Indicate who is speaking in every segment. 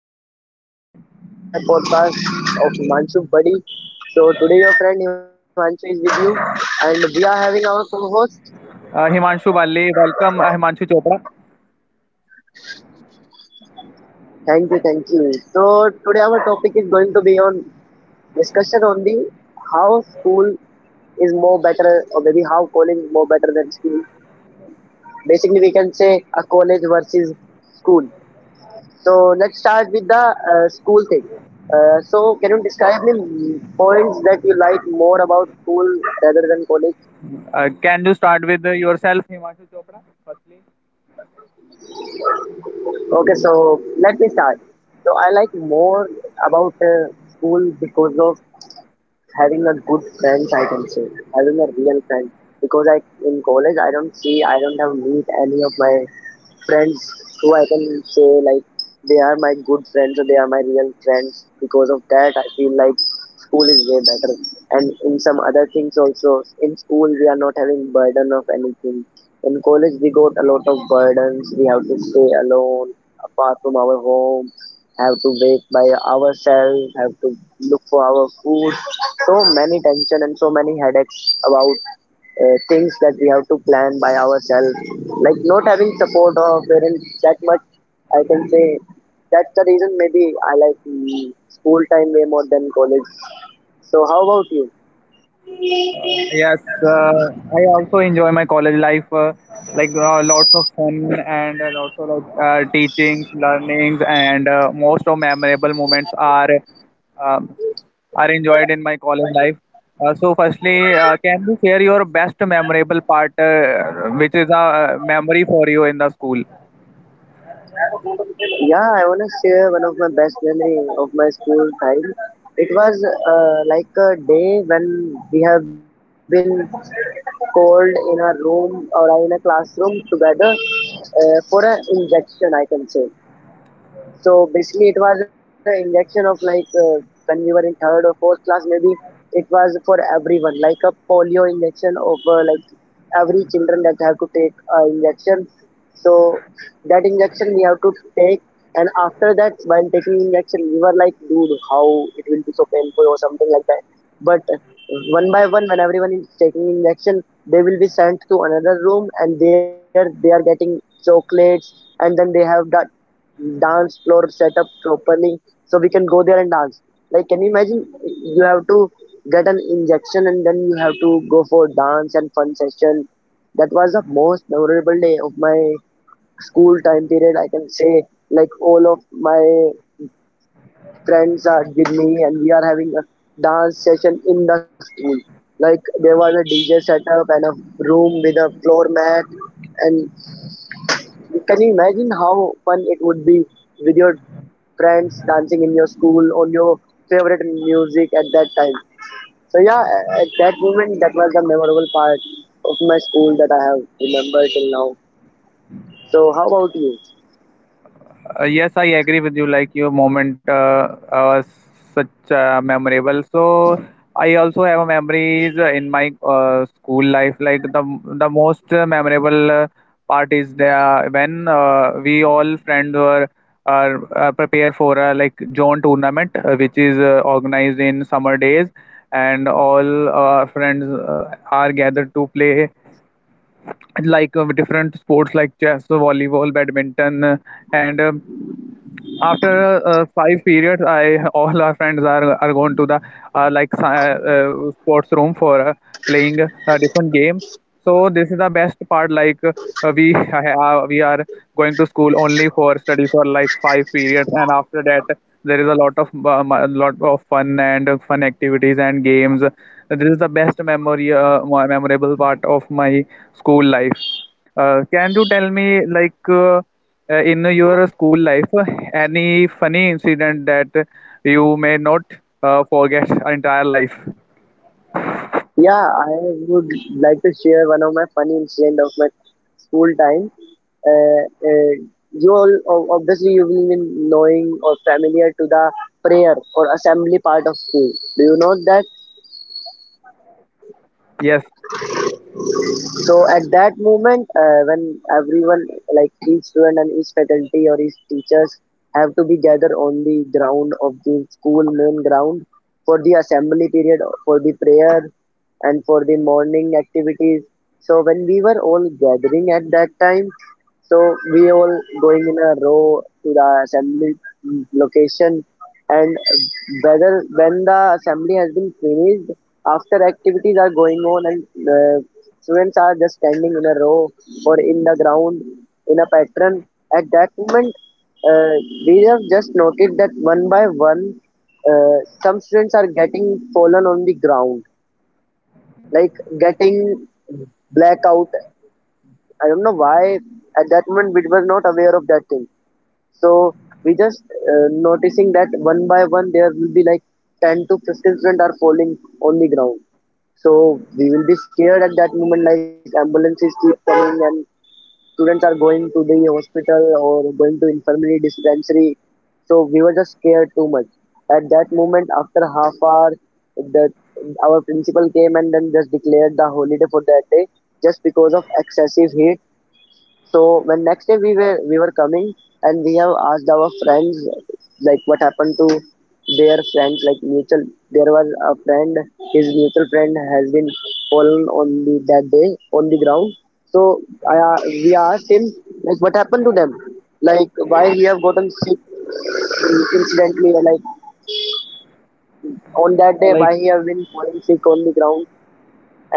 Speaker 1: Hello everyone, welcome to the another podcast of Himanshu Buddy. So today your friend Himanshu is with you and we are having our co-host.
Speaker 2: Himanshu Bali, welcome Himanshu Chopra.
Speaker 1: Thank you, thank you. So today our topic is going to be on discussion on the how school is more better or maybe how college is more better than school. Basically we can say a college versus school. So let's start with the school thing. So can you describe me points that you like more about school rather than college?
Speaker 2: Can you start with yourself, Himanshu Chopra? Firstly,
Speaker 1: Okay, so let me start. So I like more about school because of having a good friends. I can say having a real friend because I in college I don't have meet any of my friends who I can say like they are my good friends or they are my real friends. Because of that, I feel like school is way better. And in some other things also, in school we are not having burden of anything. In college we got a lot of burdens. We have to stay alone, apart from our home. Have to wake by ourselves. Have to look for our food. So many tension and so many headaches about things that we have to plan by ourselves. Like not having support or parents that much, I can say that's the reason maybe I like school time way more than college. So how about you?
Speaker 2: uh, yes, uh, I also enjoy my college life, like lots of fun and lots of teachings, learnings, and most of memorable moments um, are enjoyed in my college life. So, firstly, can you share your best memorable part, which is a memory for you in the school?
Speaker 1: Yeah, I wanna share one of my best memory of my school time. It was like a day when we have been called in a room or in a classroom together for an injection, I can say. So basically, it was an injection of like when we were in third or fourth class, maybe it was for everyone, like a polio injection of like every children that have to take injection. So that injection we have to take, and after that, while taking injection, we were like, dude, how it will be so painful or something like that. But one by one, when everyone is taking injection, they will be sent to another room, and there they are getting chocolates, and then they have that dance floor set up properly so we can go there and dance. Like, can you imagine you have to get an injection and then you have to go for dance and fun session? That was the most memorable day of my school time period. I can say, like, all of my friends are with me and we are having a dance session in the school. Like, there was a DJ setup and a room with a floor mat and can you imagine how fun it would be with your friends dancing in your school on your favorite music at that time? So yeah, at that moment, that was the memorable part of my school that I have remembered till now. So how about you?
Speaker 2: Yes, I agree with you. Like your moment such memorable. So I also have memories in my school life. Like the most memorable part is the when we all friends were are prepare for a like zone tournament, which is organized in summer days, and all friends are gathered to play like different sports like chess, volleyball, badminton, and after five periods I all our friends are going to the uh, like sci- uh, sports room for playing different games. So this is the best part, we we are going to school only for study for like five periods, and after that there is a lot of fun and fun activities and games. This is the best memory, memorable part of my school life. Can you tell me in your school life, any funny incident that you may not forget entire life?
Speaker 1: Yeah, I would like to share one of my funny incident of my school time. Uh, uh, you all obviously you will be knowing or familiar to the prayer or assembly part of school. Do you know that?
Speaker 2: Yes.
Speaker 1: So at that moment, when everyone, like each student and each faculty or each teachers, have to be gathered on the ground of the school main ground for the assembly period, for the prayer, and for the morning activities. So when we were all gathering at that time, so we all going in a row to the assembly location, and whether when the assembly has been finished, after activities are going on, and students are just standing in a row or in the ground in a pattern. At that moment, uh, we have just noted that one by one, some students are getting fallen on the ground, like getting blackout. I don't know why at that moment we were not aware of that thing. So we just noticing that one by one there will be like 10 to 15 students are falling on the ground. So we will be scared at that moment like ambulances keep coming and students are going to the hospital or going to infirmary dispensary. So we were just scared too much. At that moment after half hour the our principal came and then just declared the holiday for that day just because of excessive heat. So when next day we were coming and we have asked our friends like what happened to their friends like mutual, there was a friend, his mutual friend has been fallen on the that day on the ground. So we asked him like what happened to them, like why he have gotten sick incidentally, like on that day why he have been falling sick on the ground.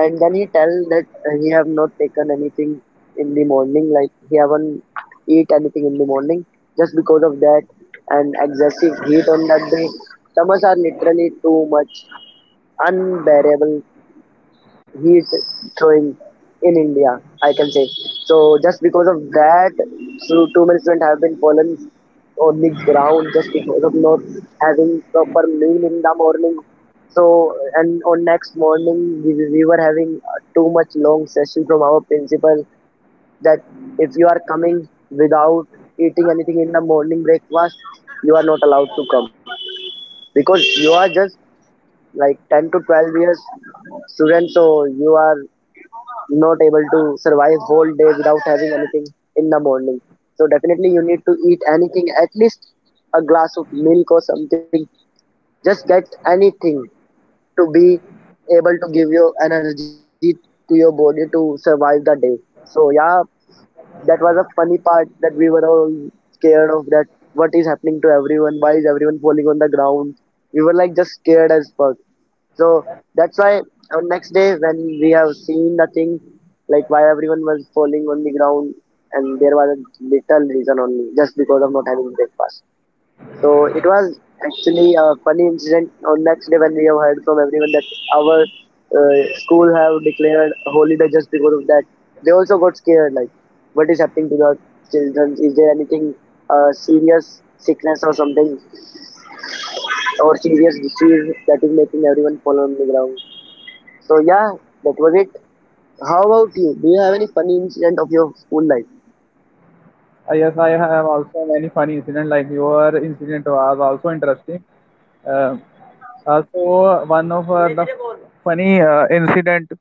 Speaker 1: And then he tell that he have not taken anything in the morning, like he haven't eat anything in the morning, just because of that and excessive heat on that day. Summers are literally too much unbearable heat throwing in India, I can say. So just because of that, so too many students have been fallen on the ground just because of not having proper meal in the morning. So and on next morning we were having too much long session from our principal that if you are coming without eating anything in the morning breakfast, you are not allowed to come because you are just like 10 to 12 years student, so you are not able to survive whole day without having anything in the morning. So definitely you need to eat anything, at least a glass of milk or something. Just get anything to be able to give your energy to your body to survive the day. So yeah, that was a funny part that we were all scared of that, what is happening to everyone, why is everyone falling on the ground. We were like just scared as fuck. So that's why on next day when we have seen the thing, like why everyone was falling on the ground, and there was a little reason only just because of not having breakfast. So it was actually a funny incident on next day when we have heard from everyone that our school have declared holiday just because of that. They also got scared like what is happening to the children? Is there anything serious sickness or something or serious disease that is making everyone fall on the ground? So yeah, that was it. How about you? Do you have any funny incident of your school life?
Speaker 2: Yes, I have also many funny incident. Like your incident was also interesting. Uh, so one of the funny incident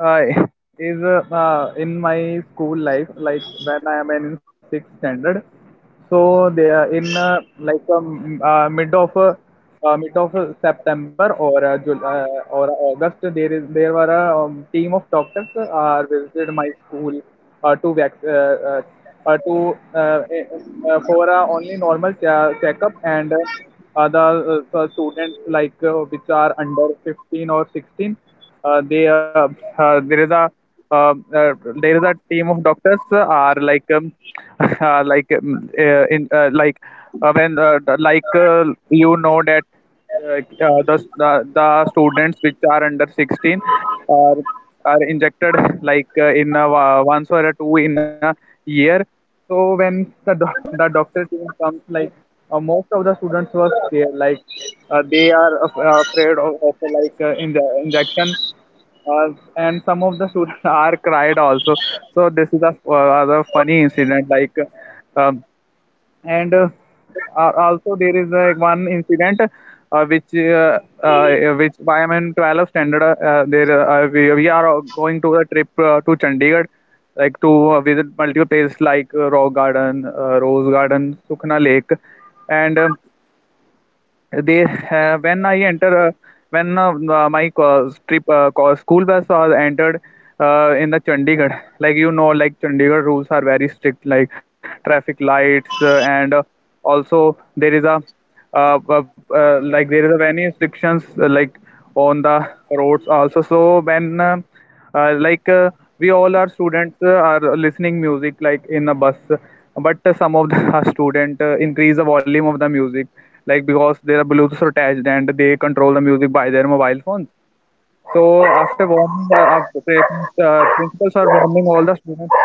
Speaker 2: uh, is in my school life like when I am in sixth standard. So they are in mid of september or or august, there is there were a team of doctors visited my school to vac- to for only normal checkup. And the students which are under 15 or 16, they uh, there is a uh, uh, there is a team of doctors are like like in like when like you know that the students which are under 16 are are injected like once or a two in a year. So when the doctor team comes, most of the students were scared, they are afraid of injection uh, and some of the students are cried also. So this is the funny incident. Like um and also there is like one incident which I am in 12 standard. There we are going to a trip to Chandigarh like to visit multiple places like Rock Garden, Rose Garden, Sukhna Lake, and they when I enter when my school bus was entered in the chandigarh. Like you know like chandigarh rules are very strict, like traffic lights and also there is a many restrictions like on the roads also. So when like we all are students are listening music like in a bus, but some of the student increase the volume of the music, like because there are bluetooth attached and they control the music by their mobile phones. So after warning, after parents, principals are warning all the students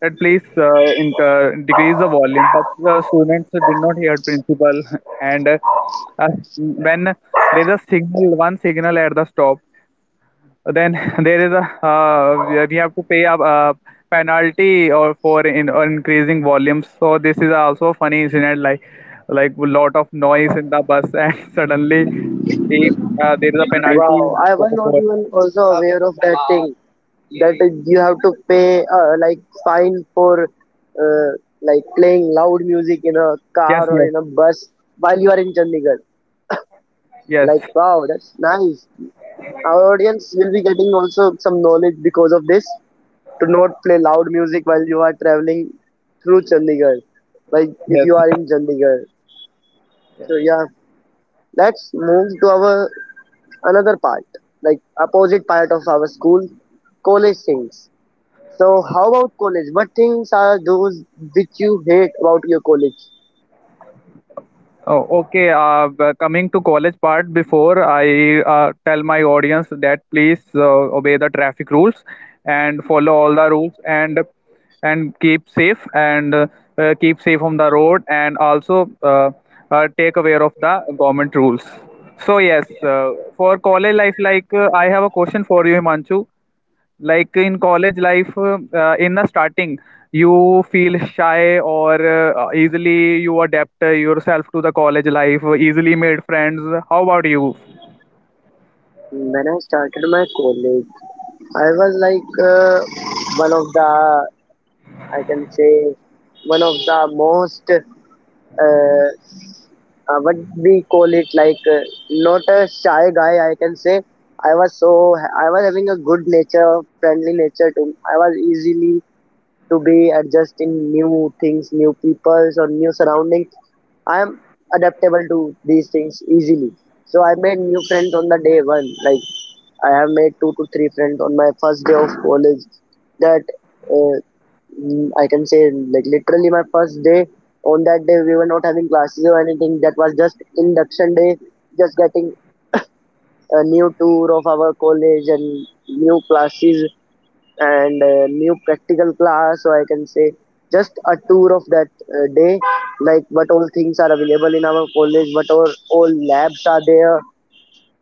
Speaker 2: that please decrease the volume, but the students did not hear principal. And uh, when there is a signal, one signal at the stop, then there is a we have to pay a penalty or for in increasing volumes. So this is also a funny incident, like a lot of noise in the bus, and suddenly eh, there is a penalty
Speaker 1: Wow, I was not
Speaker 2: for
Speaker 1: even also aware of that thing. That you have to pay like fine for like playing loud music in a
Speaker 2: yes
Speaker 1: car or
Speaker 2: yes
Speaker 1: in a bus while you are in Chandigarh.
Speaker 2: yes,
Speaker 1: Like wow, that's nice. Our audience will be getting also some knowledge because of this to not play loud music while you are traveling through Chandigarh. Like if
Speaker 2: yes.
Speaker 1: you are in Chandigarh. So yeah, let's move to our another part, like opposite part of our school, college things. So, how about college? What things are those which you hate about your college?
Speaker 2: Oh, okay. Coming to college part, before I tell my audience that please obey the traffic rules and follow all the rules, and keep safe, and keep safe on the road, and also take aware of the government rules. So yes, for college life, I have a question for you, Himanshu, like in college life, in the starting you feel shy, or easily you adapt yourself to the college life, easily made friends, how about you?
Speaker 1: When I started my college, I was like one of the, I can say, one of the most, what we call it, like not a shy guy, I can say. I was having a good nature, friendly nature to, I was easily to be adjust in new things, new peoples or new surroundings. I am adaptable to these things easily. So I made new friends on the day one. Like I have made two to three friends on my first day of college. That uh, I can say like literally my first day. On that day we were not having classes or anything. That was just induction day. Just getting a new tour of our college and new classes and new practical class or I can say just a tour of that day, like what all things are available in our college, what all labs are there,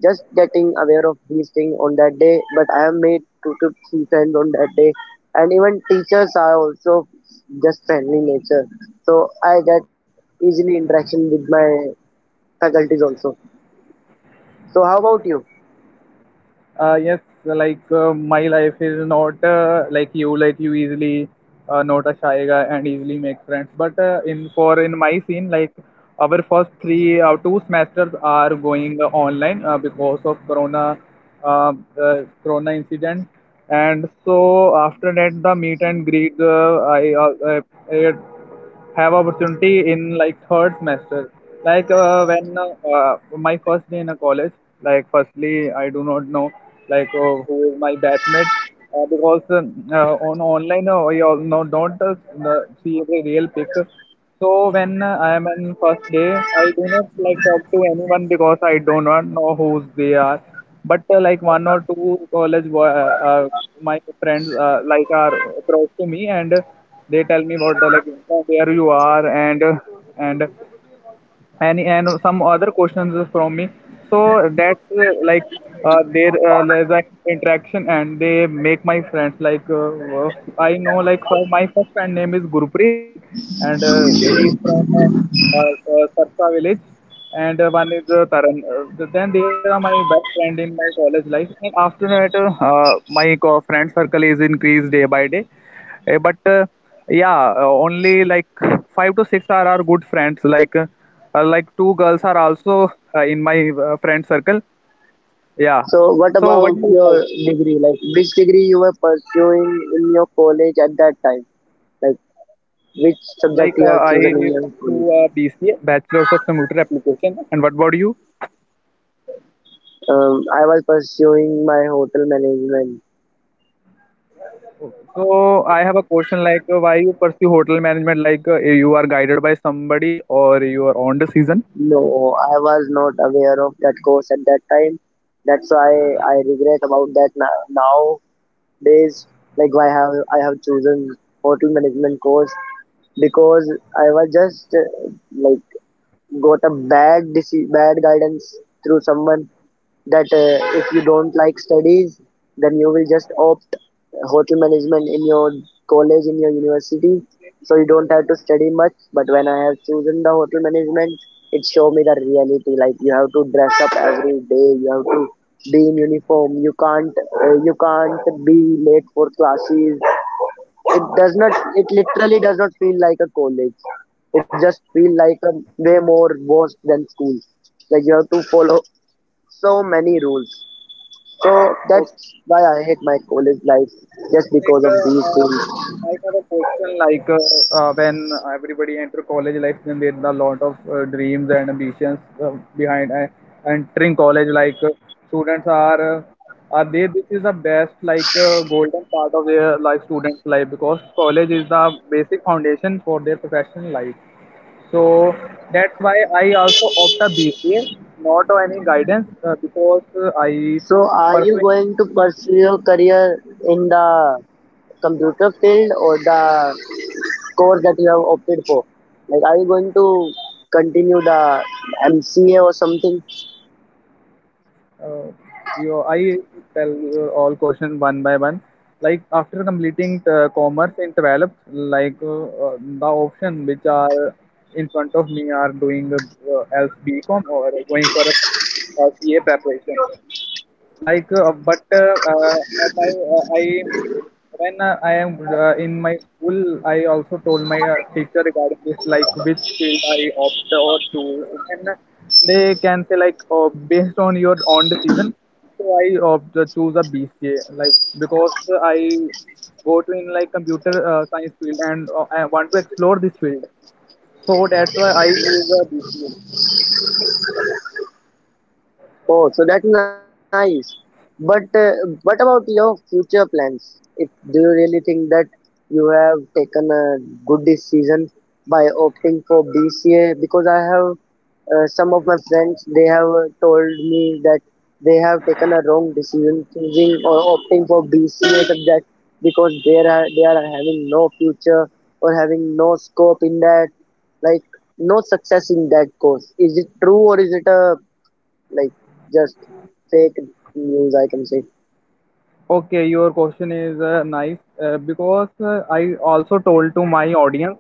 Speaker 1: just getting aware of these things on that day. But I have made two to three friends on that day, and even teachers are also just friendly nature, so I get easily interaction with my faculties also. So how about you?
Speaker 2: Yes, like my life is not like you, like you easily not a shy guy and easily make friends. But in my scene, like our first three two semesters are going online because of Corona, uh, Corona incident, and so after that the meet and greet, I uh, have opportunity in like third semester. When my first day in a college, like firstly I do not know who is my batchmate, because on online we all know don't see the real picture. So when I am in first day, I do not like talk to anyone, because I do not know who they are. But like one or two college boy, my friends like are close to me, and they tell me about the like where you are, and any and some other questions from me. So that's there there's an interaction and they make my friends uh, I know, like for my first friend name is gurpreet, and he's from sarsa village, and one is taran. Then they are my best friend in my college life, and after that my friend circle is increased day by day. But yeah, only like five to six are our good friends, like two girls are also in my friend circle, yeah.
Speaker 1: So, what
Speaker 2: So what
Speaker 1: about
Speaker 2: do you have?
Speaker 1: your degree? Like, which degree you were pursuing in your college at that time? Like which subject
Speaker 2: Like
Speaker 1: you have
Speaker 2: I
Speaker 1: chosen in your
Speaker 2: pursue
Speaker 1: college?
Speaker 2: bca, bachelor's of computer application. And what about you?
Speaker 1: I was pursuing my hotel management.
Speaker 2: So I have a question like, why you pursue hotel management, like you are guided by somebody or your own decision?
Speaker 1: No, I was not aware of that course at that time. That's why I regret about that now. Nowadays, like why have I have chosen hotel management course because I was just like got a bad guidance through someone that if you don't like studies, then you will just opt hotel management in your college, in your university. So you don't have to study much. But when I have chosen the hotel management, it showed me the reality. Like you have to dress up every day. You have to be in uniform. You can't be late for classes. It literally does not feel like a college. It just feel like a way more worse than school. Like you have to follow so many rules, so that's why I hate my college life just
Speaker 2: Like,
Speaker 1: because of these things.
Speaker 2: I have a question. Like, when everybody enter college life, then there are a lot of dreams and ambitions behind. Entering college, students are they? This is the best, like, golden part of their life, students' life, because college is the basic foundation for their professional life. So that's why I also opt a BCA, not on any guidance, because I
Speaker 1: So are you
Speaker 2: pursuing.
Speaker 1: going to pursue your career in the computer field or the course that you have opted for? Like are you going to continue the MCA or something?
Speaker 2: Uh, I tell you all question one by one. Like after completing commerce in 12th, like the option which are in front of me are doing else BCom or going for a CA preparation, like but my I when I am in my school, I also told my teacher regarding this, like which field I opt or choose, and they can say like based on your own decision. So I opt choose a bca, like because I go to in like computer science field, and I want to explore this field. So that's why I choose a bca.
Speaker 1: Oh, so that's nice. But what about your future plans? If do you really think that you have taken a good decision by opting for BCA? Because I have some of my friends they have told me that they have taken a wrong decision choosing or opting for BCA subject because they are having no future or having no scope in that, like no success in that course. Is it true or is it a like just fake news I can say.
Speaker 2: Okay, your question is nice because I also told to my audience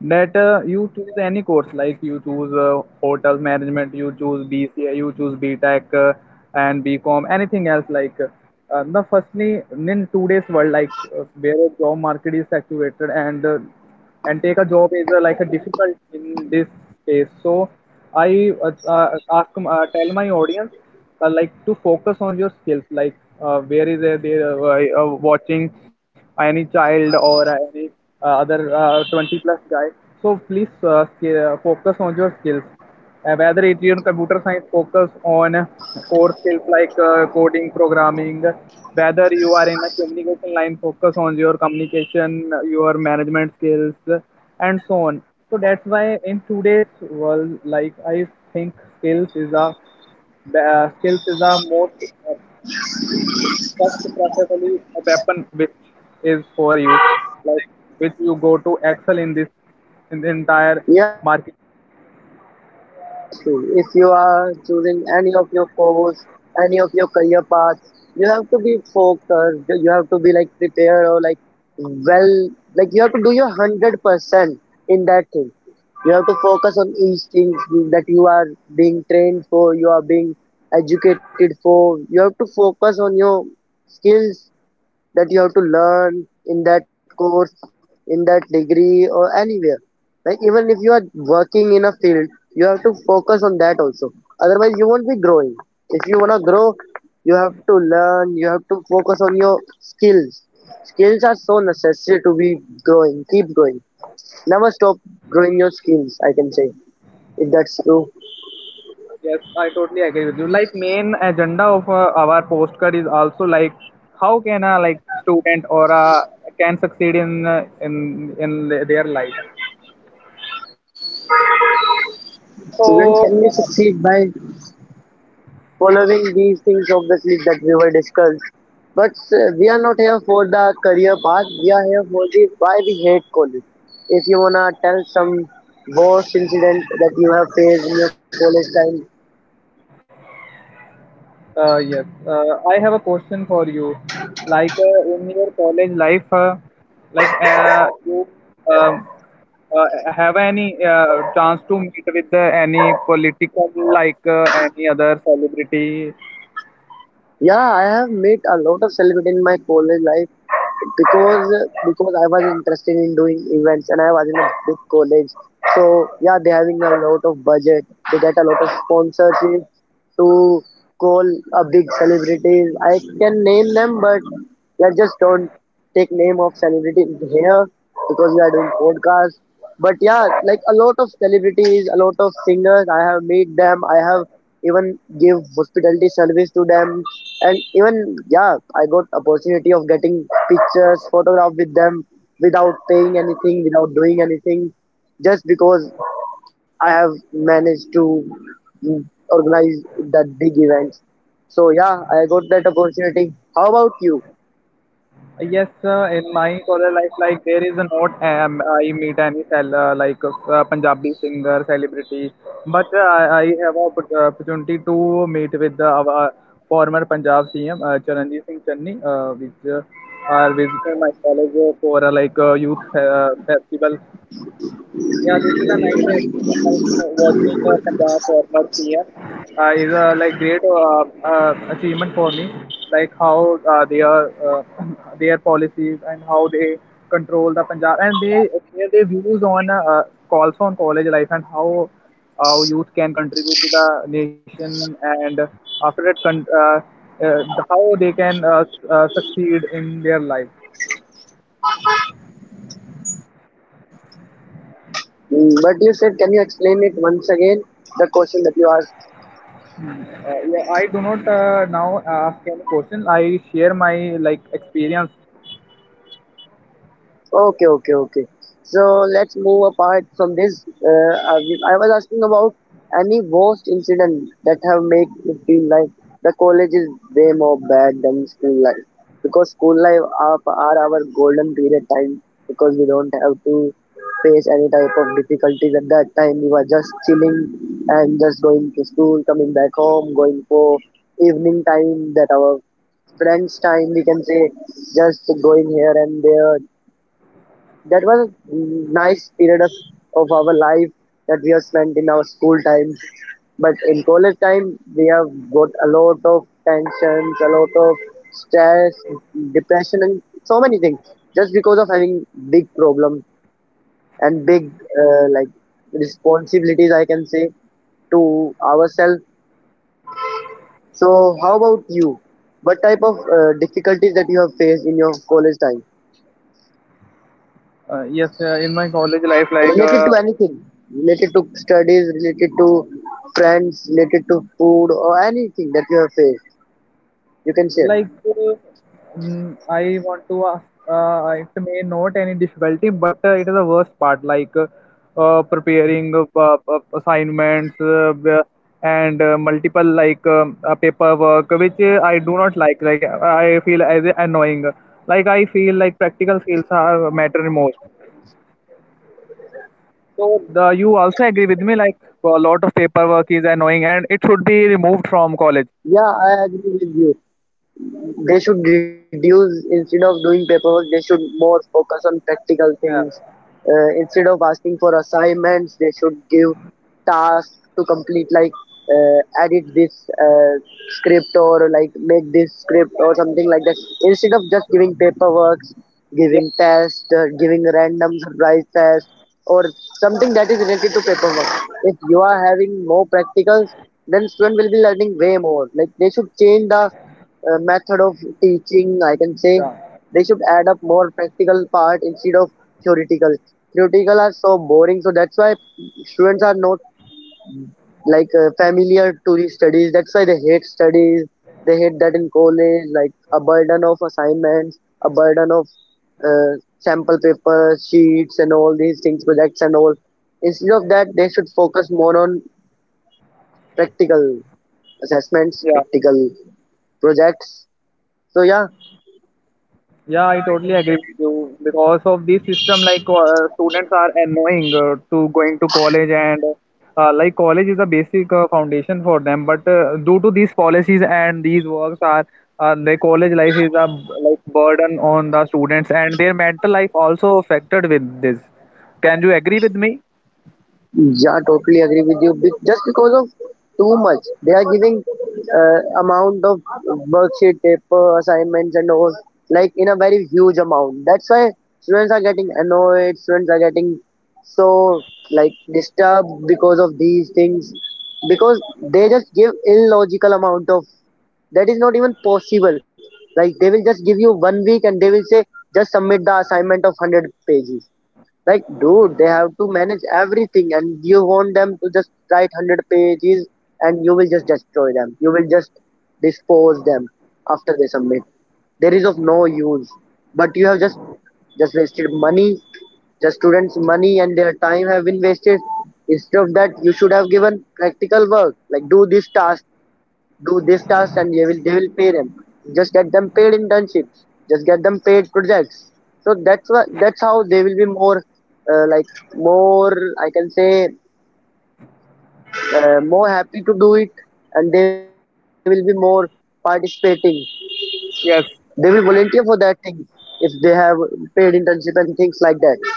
Speaker 2: that you choose any course, like you choose hotel management, you choose BCA, you choose BTech, and BCom, anything else. Like the firstly in today's world, like where job market is saturated, and take a job is like a difficult in this case. So I tell my audience like to focus on your skills, like where is they watching any child or any other 20 plus guy. So please focus on your skills, whether it your computer science, focus on core skills like coding, programming, whether you are in a communication line, focus on your communication, your management skills, and so on. So that's why in today's world, like I think skills is a most uh, first preferably a weapon which is for you, like which you go to excel in this in the entire
Speaker 1: Yeah,
Speaker 2: market.
Speaker 1: that's true, that's true. If you are choosing any of your course, any of your career paths, you have to be focused, you have to be like prepared or like well, like you have to do your 100% in that thing. You have to focus on each thing that you are being trained for, you are being educated for. You have to focus on your skills that you have to learn in that course, in that degree, or anywhere. Like even if you are working in a field, you have to focus on that also. Otherwise, you won't be growing. If you wanna grow, you have to learn. You have to focus on your skills. Skills are so necessary to be growing. Keep growing. Never stop growing your skills. I can say if that's true.
Speaker 2: Yes, I totally agree with you. Like main agenda of our postcard is also like how can a like student or a can succeed in in their life. So
Speaker 1: Students can be succeed by following these things obviously that we were discussed, but we are not here for the career path, we are here for the why we hate college. If you wanna tell some worst incident that you have faced in your college time.
Speaker 2: yes, I have a question for you. Like in your college life, like you um, uh, have any chance to meet with any political like any other celebrity.
Speaker 1: Yeah, I have met a lot of celebrities in my college life because I was interested in doing events and I was in a big college. So yeah, they having a lot of budget. They get a lot of sponsorship to call a big celebrities. I can name them, but let's just don't take name of celebrity in here because we are doing podcast. But yeah, like a lot of celebrities, a lot of singers, I have meet them. I have even give hospitality service to them, and even yeah, I got opportunity of getting pictures, photograph with them without paying anything, without doing anything, just because I have managed to mm, organize that big event. So yeah, I got that opportunity. How about you?
Speaker 2: Yes, in my color life, like there is a not I meet any like Punjabi singer, celebrity, but I have a opportunity to meet with the, our former Punjab CM, Charanjit Singh Channi, which are visiting my college for like youth festival. It is a nice experience like watching the former CM is a like great achievement for me, like how they are their policies and how they control the Punjab and they share their views on also on college life and how youth can contribute to the nation, and after that uh, how they can succeed in their life.
Speaker 1: Mm, but you said, can you explain it once again, the question that you asked?
Speaker 2: Yeah, I do not now ask any question. I share my like experience.
Speaker 1: Okay, okay, okay. So let's move apart from this. I was asking about any worst incident that have made you feel like the college is way more bad than school life because school life are our golden period time, because we don't have to face any type of difficulties at that time. We were just chilling and just going to school, coming back home, going for evening time that our friends time we can say, just going here and there. That was a nice period of our life that we have spent in our school time. But in college time, we have got a lot of tensions, a lot of stress, depression, and so many things just because of having big problems and big like responsibilities, I can say, to ourselves. So, how about you? What type of difficulties that you have faced in your college time?
Speaker 2: Yes, in my college life,
Speaker 1: Related to anything, related to studies, related to friends, related to food, or anything that you have faced, you can share.
Speaker 2: like mm, I want to ask. It may not any difficulty, but it is the worst part. Like preparing assignments and multiple like paperwork, which I do not like. Like I feel as annoying. Like I feel like practical skills are matter most. So the, you also agree with me, like a lot of paperwork is annoying and it should be removed from college.
Speaker 1: Yeah, I agree with you. They should reduce. Instead of doing paperwork, they should more focus on practical
Speaker 2: Yeah,
Speaker 1: things. Uh, instead of asking for assignments, they should give tasks to complete, like uh, edit this uh, script, or like make this script or something like that, instead of just giving paperwork,
Speaker 2: yeah,
Speaker 1: giving tests, giving random surprise tests, or something that is related to paperwork. If you are having more practicals, then student will be learning way more. Like they should change the method of teaching, I can say.
Speaker 2: yeah,
Speaker 1: They should add up more practical part instead of theoretical. Theoretical are so boring, so that's why students are not like familiar to these studies. That's why they hate studies. They hate that in college, like a burden of assignments, a burden of sample papers, sheets, and all these things, projects and all. Instead of that, they should focus more on practical assessments,
Speaker 2: yeah.
Speaker 1: practical projects. So yeah.
Speaker 2: Yeah, I totally agree with you because of this system, like students are annoying to going to college and like college is a basic foundation for them. But due to these policies and these works are the college life is a like burden on the students, and their mental life also affected with this. Can you agree with me?
Speaker 1: Yeah, totally agree with you. Be- Just because of too much, they are giving amount of worksheet, paper, assignments, and all like in a very huge amount. That's why students are getting annoyed. Students are getting so like disturbed because of these things because they just give illogical amount of that is not even possible. Like they will just give you one week and they will say just submit the assignment of hundred pages. Like, dude, they have to manage everything, and you want them to just write 100 pages, and you will just destroy them. You will just dispose them after they submit. There is of no use. But you have just wasted money, the students' money and their time have been wasted. Instead of that, you should have given practical work, like do this task, and they will pay them. Just get them paid internships, just get them paid projects. So that's what, that's how they will be more like more, I can say, more happy to do it, and they will be more participating. They will
Speaker 2: Yes.
Speaker 1: volunteer for that thing if they have paid internship and things like that.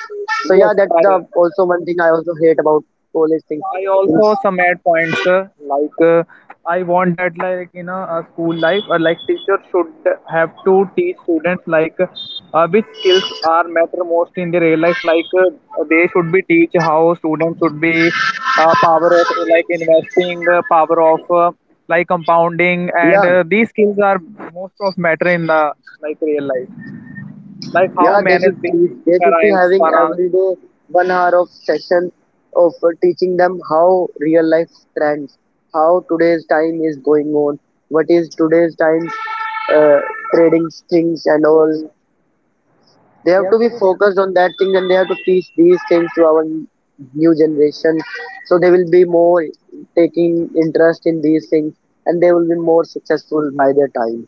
Speaker 1: So yeah, that's the
Speaker 2: Yes, I
Speaker 1: also one thing I also hate about college thing
Speaker 2: I
Speaker 1: things.
Speaker 2: also some add points like I want that like you know a school life or like teacher should have to teach students like which skills are matter most in the real life, like they should be teach how students should be power of like investing, power of like compounding, and
Speaker 1: Yeah,
Speaker 2: these skills are most of matter in the like real life, like how
Speaker 1: Yeah, they
Speaker 2: manage
Speaker 1: should
Speaker 2: the
Speaker 1: teach. They should be
Speaker 2: finance
Speaker 1: having
Speaker 2: finance
Speaker 1: every day one hour of session of teaching them how real life trends, how today's time is going on, what is today's time uh, trading things and
Speaker 2: and
Speaker 1: all.
Speaker 2: all.
Speaker 1: They
Speaker 2: They
Speaker 1: have to
Speaker 2: have to
Speaker 1: be
Speaker 2: be.
Speaker 1: focused on that thing and they have to teach these things to our new generation. So they will be more taking interest in these things and they will be more successful by their time.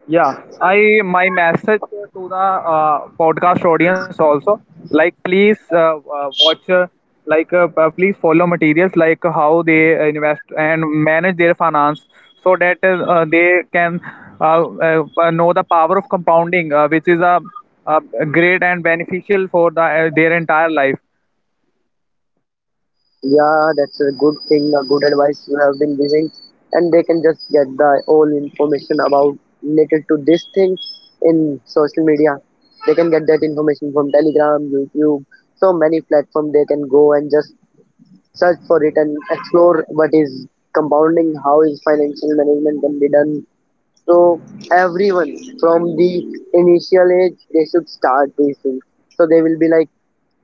Speaker 2: Yeah, I my message to the podcast audience also, like please watch like please follow materials like how they invest and manage their finance, so that they can know the power of compounding, which is a great and beneficial for the their entire life.
Speaker 1: Yeah, that's a good thing, a good advice you have been giving, and they can just get the all information about related to this thing in social media. They can get that information from Telegram, YouTube, so many platforms. They can go and just search for it and explore what is compounding, how is financial management can be done. So everyone from the initial age they should start these things. So they will be like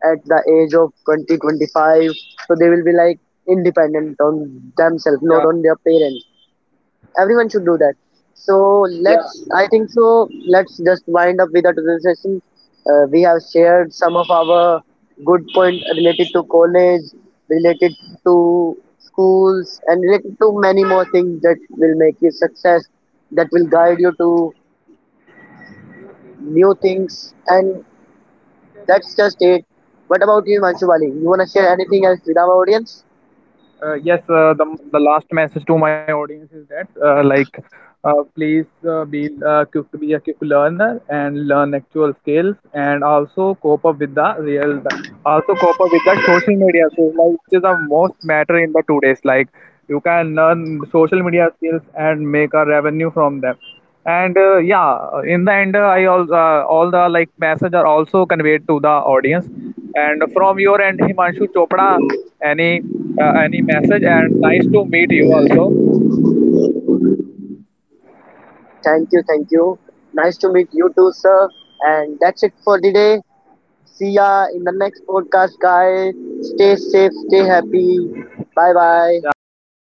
Speaker 1: at the age of 20 25, so they will be like independent on themselves, not
Speaker 2: Yeah,
Speaker 1: on their parents. Everyone should do that. So let's,
Speaker 2: yeah.
Speaker 1: I think so, let's just wind up with our today's session. Uh, we have shared some of our good point related to college, related to schools, and related to many more things that will make you success, that will guide you to new things, and that's just it. What about you, Manshubali? You wanna share anything else with our audience?
Speaker 2: Yes, the last message to my audience is that like please be quick, be a quick learner and learn actual skills and also cope up with the real also cope up with the social media skills, like which is the most matter in the today's, like you can learn social media skills and make a revenue from them. And yeah, in the end, I also all the like message are also conveyed to the audience. And from your end, Himanshu Chopra, any any message, and nice to meet you also.
Speaker 1: Thank you, thank you. Nice to meet you too, sir. And that's it for the day. See ya in the next podcast, guys. Stay safe, stay happy. Bye bye.
Speaker 2: Yeah, bye bye